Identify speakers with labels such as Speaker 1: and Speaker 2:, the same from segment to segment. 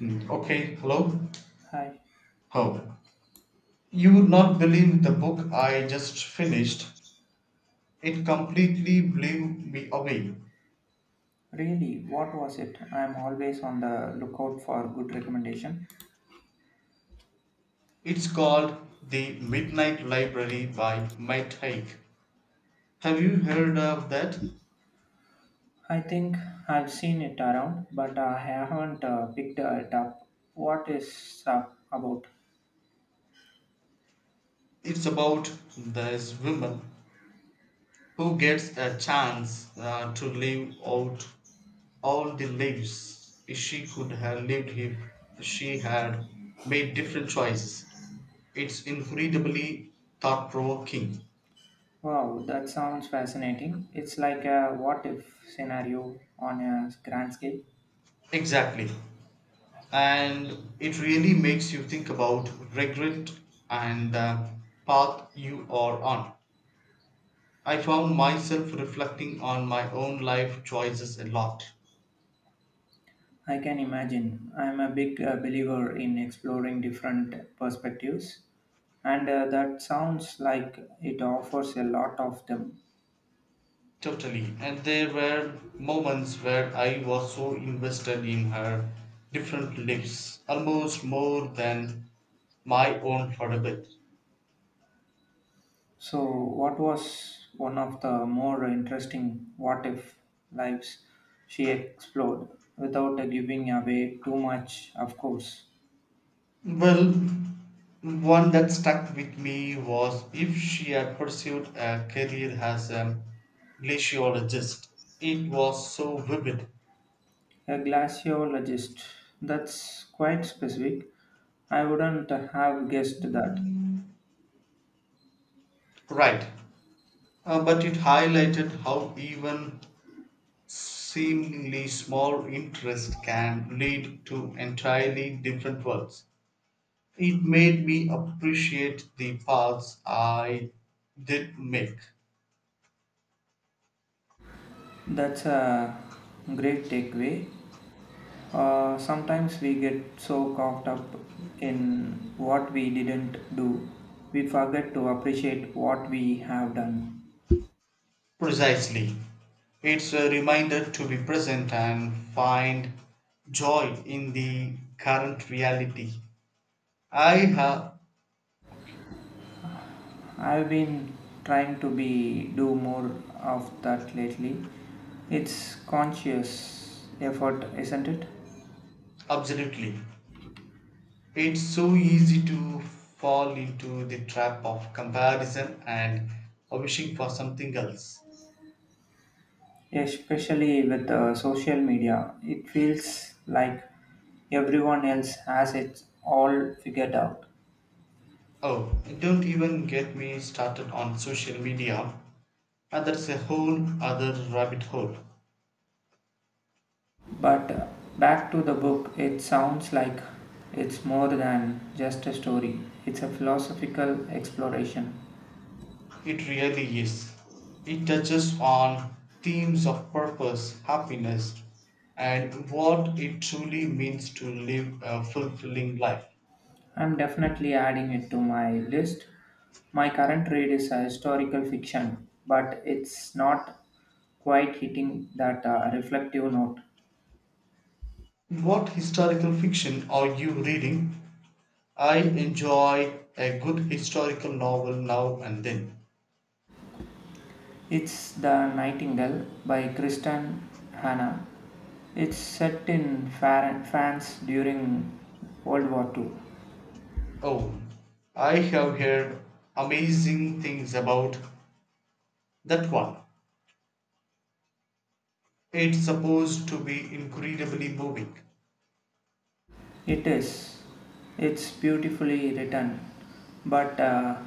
Speaker 1: Okay, hello.
Speaker 2: Hi.
Speaker 1: Oh, you would not believe the book I just finished. It completely blew me away.
Speaker 2: Really, what was it? I'm always on the lookout for good recommendation.
Speaker 1: It's called The Midnight Library by Matt Haig. Have you heard of that?
Speaker 2: I think I've seen it around, but I haven't picked it up. What is up about?
Speaker 1: It's about this woman who gets a chance to live out all the lives she could have lived if she had made different choices. It's incredibly thought provoking.
Speaker 2: Wow, that sounds fascinating. It's like a what if scenario on a grand scale.
Speaker 1: Exactly. And it really makes you think about regret and the path you are on. I found myself reflecting on my own life choices a lot.
Speaker 2: I can imagine. I'm a big believer in exploring different perspectives, and that sounds like it offers a lot of them.
Speaker 1: Totally. And there were moments where I was so invested in her different lives, almost more than my own for a bit.
Speaker 2: So, what was one of the more interesting what if lives she explored without giving away too much, of course?
Speaker 1: Well, one that stuck with me was if she had pursued a career as a glaciologist. It was so vivid.
Speaker 2: A glaciologist. That's quite specific. I wouldn't have guessed that.
Speaker 1: Right. But it highlighted how even seemingly small interest can lead to entirely different worlds. It made me appreciate the paths I did make.
Speaker 2: That's a great takeaway. Sometimes we get so caught up in what we didn't do, we forget to appreciate what we have done.
Speaker 1: Precisely. It's a reminder to be present and find joy in the current reality. I have
Speaker 2: I've been trying to be do more of that lately. It's conscious effort, isn't it?
Speaker 1: absolutely. It's so easy to fall into the trap of comparison and wishing for something else.
Speaker 2: Especially with social media, it feels like everyone else has it all figured out.
Speaker 1: Oh, don't even get me started on social media, and that's a whole other rabbit hole.
Speaker 2: But back to the book, it sounds like it's more than just a story. It's a philosophical exploration.
Speaker 1: It really is. It touches on themes of purpose, happiness, and what it truly means to live a fulfilling life.
Speaker 2: I'm definitely adding it to my list. My current read is a historical fiction, but it's not quite hitting that reflective note.
Speaker 1: What historical fiction are you reading? I enjoy a good historical novel now and then.
Speaker 2: It's The Nightingale by Kristen Hanna. It's set in France during World War Two.
Speaker 1: Oh, I have heard amazing things about that one. It's supposed to be incredibly moving.
Speaker 2: It is. It's beautifully written, but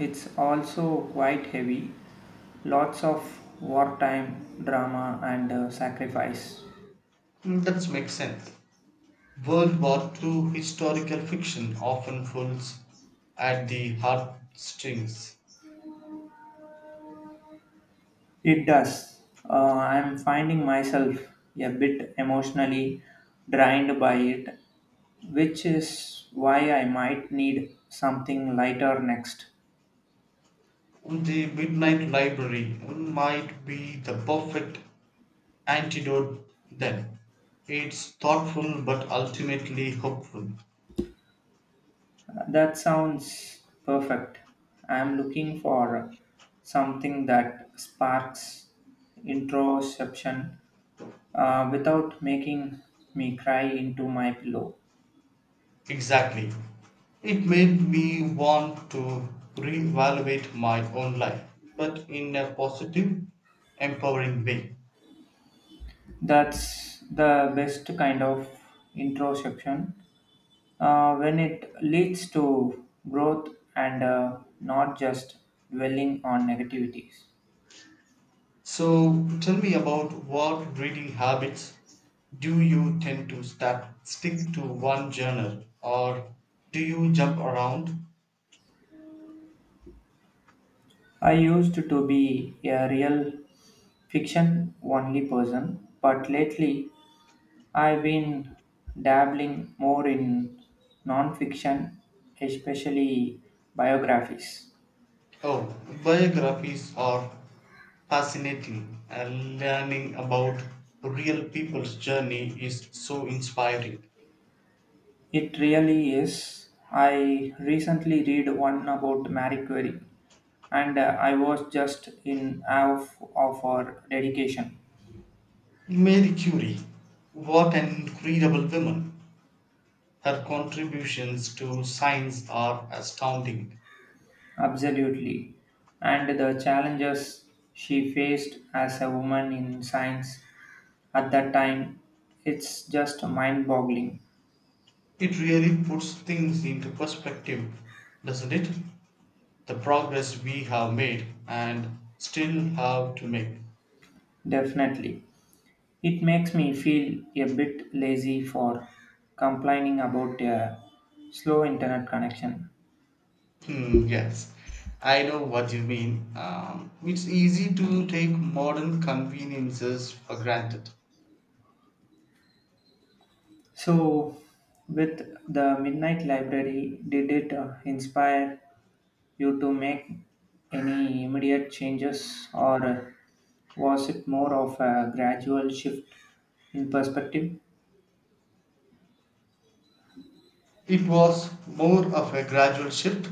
Speaker 2: it's also quite heavy. Lots of wartime drama and sacrifice.
Speaker 1: That makes sense. World War Two historical fiction often pulls at the heartstrings.
Speaker 2: It does. Uh, I'm finding myself a bit emotionally drained by it, which is why I might need something lighter next.
Speaker 1: The Midnight Library might be the perfect antidote then. It's thoughtful but ultimately hopeful.
Speaker 2: That sounds perfect. I'm looking for something that sparks introspection without making me cry into my pillow.
Speaker 1: Exactly. It made me want to reevaluate my own life, but in a positive, empowering way.
Speaker 2: That's the best kind of introspection when it leads to growth and not just dwelling on negativities.
Speaker 1: So tell me about what reading habits do you tend to start, stick to one genre, or do you jump around?
Speaker 2: I used to be a real fiction only person, but lately I've been dabbling more in nonfiction, especially biographies.
Speaker 1: Oh, biographies are fascinating and learning about real people's journey is so inspiring.
Speaker 2: It really is. I recently read one about Marie Curie, and I was just in awe of her dedication.
Speaker 1: Mary Curie, what an incredible woman. Her contributions to science are astounding.
Speaker 2: Absolutely. And the challenges she faced as a woman in science at that time, it's just mind boggling.
Speaker 1: It really puts things into perspective, doesn't it? The progress we have made and still have to make.
Speaker 2: Definitely. It makes me feel a bit lazy for complaining about a slow internet connection.
Speaker 1: Hmm, yes, I know what you mean. It's easy to take modern conveniences for granted.
Speaker 2: So, with the Midnight Library, did it inspire you to make any immediate changes, or was it more of a gradual shift in perspective?
Speaker 1: It was more of a gradual shift.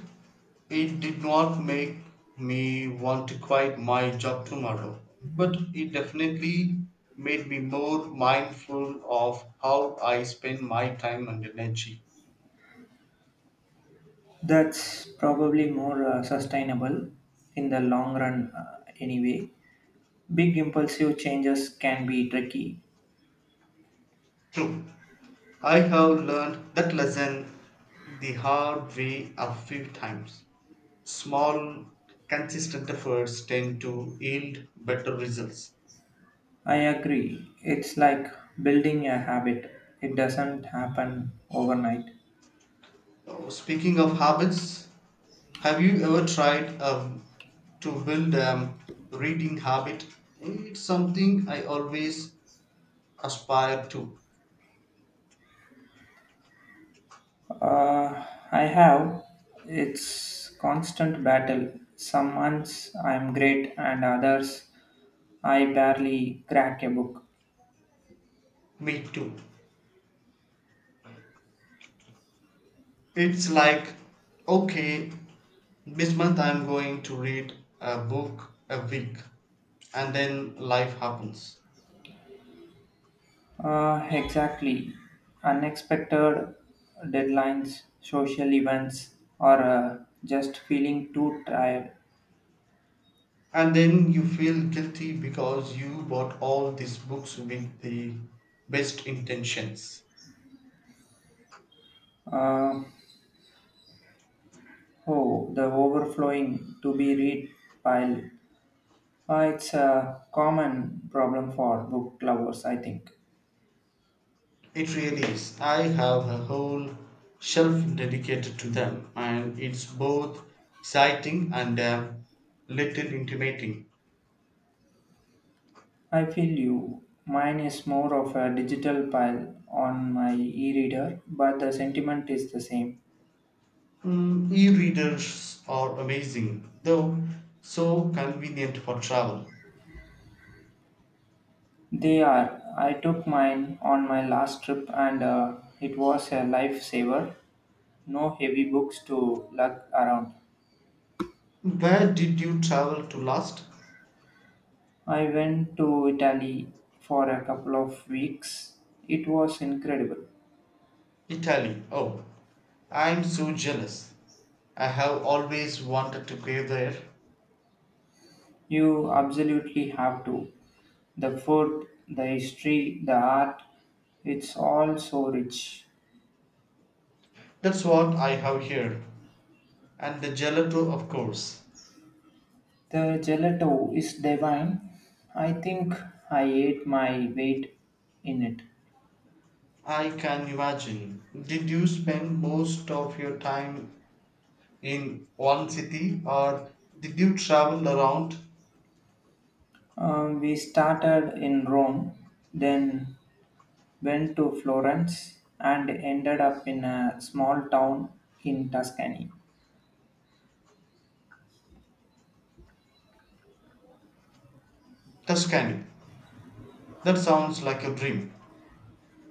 Speaker 1: It did not make me want to quit my job tomorrow, but it definitely made me more mindful of how I spend my time and energy.
Speaker 2: That's probably more sustainable in the long run, anyway. Big impulsive changes can be tricky,
Speaker 1: True. I have learned that lesson the hard way a few times. Small, consistent efforts tend to yield better results.
Speaker 2: I agree. It's like building a habit. It doesn't happen overnight.
Speaker 1: Oh, speaking of habits, have you ever tried to build a reading habit? It's something I always aspire to.
Speaker 2: Uh, I have. It's constant battle. Some months I'm great, and others I barely crack a book.
Speaker 1: Me too. It's like, okay, this month I'm going to read a book a week, and then life happens.
Speaker 2: Exactly. Unexpected deadlines, social events, or just feeling too tired.
Speaker 1: And then you feel guilty because you bought all these books with the best intentions.
Speaker 2: Uh, oh, the overflowing to be read pile. It's a common problem for book lovers, I think.
Speaker 1: It really is. I have a whole shelf dedicated to them, and it's both exciting and a little intimating.
Speaker 2: I feel you. Mine is more of a digital pile on my e reader, but the sentiment is the same.
Speaker 1: E-readers are amazing, though so convenient for travel.
Speaker 2: They are. I took mine on my last trip and it was a lifesaver. No heavy books to lug around.
Speaker 1: Where did you travel to last?
Speaker 2: I went to Italy for a couple of weeks. It was incredible.
Speaker 1: Italy. Oh, I'm so jealous. I have always wanted to go there.
Speaker 2: You absolutely have to. The food, the history, the art, it's all so rich.
Speaker 1: That's what I have here. And the gelato, of course.
Speaker 2: The gelato is divine. I think I ate my weight in it.
Speaker 1: I can imagine. Did you spend most of your time in one city or did you travel around?
Speaker 2: We started in Rome, then went to Florence, and ended up in a small town in Tuscany.
Speaker 1: Tuscany? That sounds like a dream.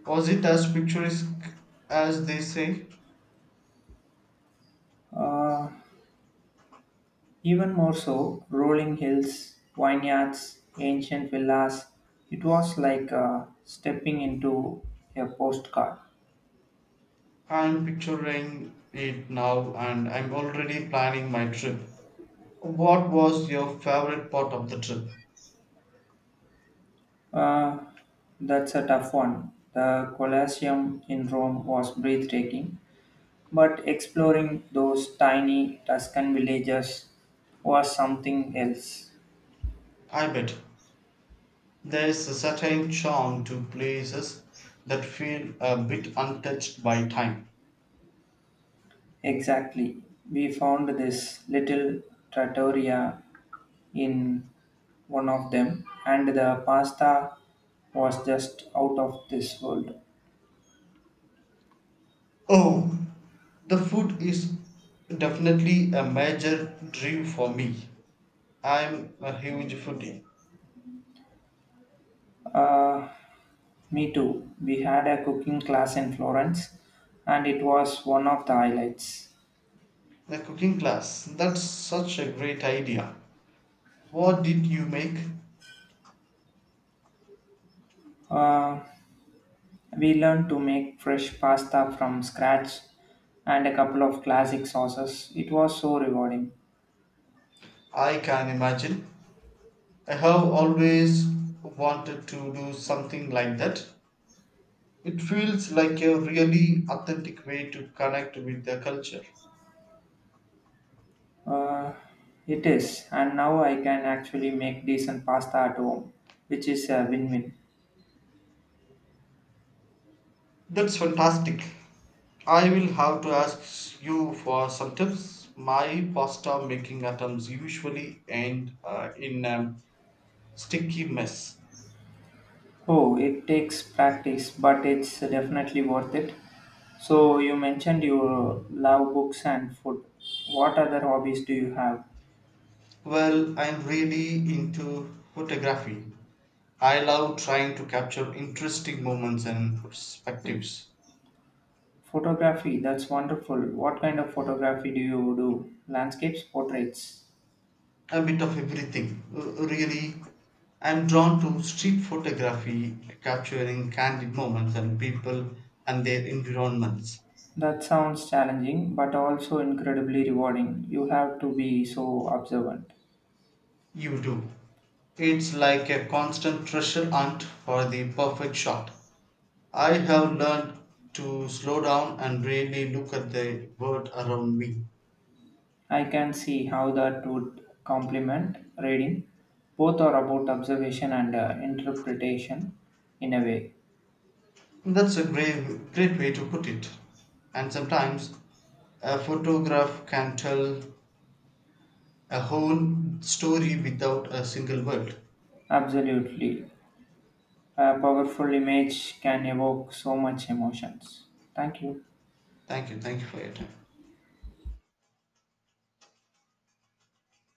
Speaker 1: Was it as picturesque as they say?
Speaker 2: Uh, even more so, rolling hills, vineyards, ancient villas. It was like stepping into a postcard.
Speaker 1: I'm picturing it now and I'm already planning my trip. What was your favorite part of the trip?
Speaker 2: Uh, that's a tough one. The Colosseum in Rome was breathtaking, but exploring those tiny Tuscan villages was something else.
Speaker 1: I bet there's a certain charm to places that feel a bit untouched by time.
Speaker 2: Exactly. We found this little trattoria in one of them, and the pasta was just out of this world.
Speaker 1: Oh, the food is definitely a major dream for me. I'm a huge foodie.
Speaker 2: Uh, me too. We had a cooking class in Florence, and it was one of the highlights.
Speaker 1: The cooking class, that's such a great idea. What did you make?
Speaker 2: Uh, We learned to make fresh pasta from scratch and a couple of classic sauces. It was so rewarding.
Speaker 1: I can imagine. I have always wanted to do something like that. It feels like a really authentic way to connect with the culture.
Speaker 2: Uh, it is, and now I can actually make decent pasta at home, which is a win win.
Speaker 1: That's fantastic. I will have to ask you for some tips. My pasta making attempts usually end in a sticky mess.
Speaker 2: Oh, it takes practice, but it's definitely worth it. So, you mentioned you love books and food. What other hobbies do you have?
Speaker 1: Well, I'm really into photography. I love trying to capture interesting moments and perspectives.
Speaker 2: Photography, that's wonderful. What kind of photography do you do? Landscapes, portraits?
Speaker 1: A bit of everything. Really, I'm drawn to street photography, capturing candid moments and people and their environments.
Speaker 2: That sounds challenging, but also incredibly rewarding. You have to be so observant.
Speaker 1: You do. It's like a constant treasure hunt for the perfect shot. I have learned to slow down and really look at the world around me.
Speaker 2: I can see how that would complement reading. Both are about observation and interpretation in a way.
Speaker 1: That's a great way to put it. And sometimes a photograph can tell a whole story without a single word.
Speaker 2: Absolutely. A powerful image can evoke so much emotions. Thank you.
Speaker 1: Thank you. Thank you for your time.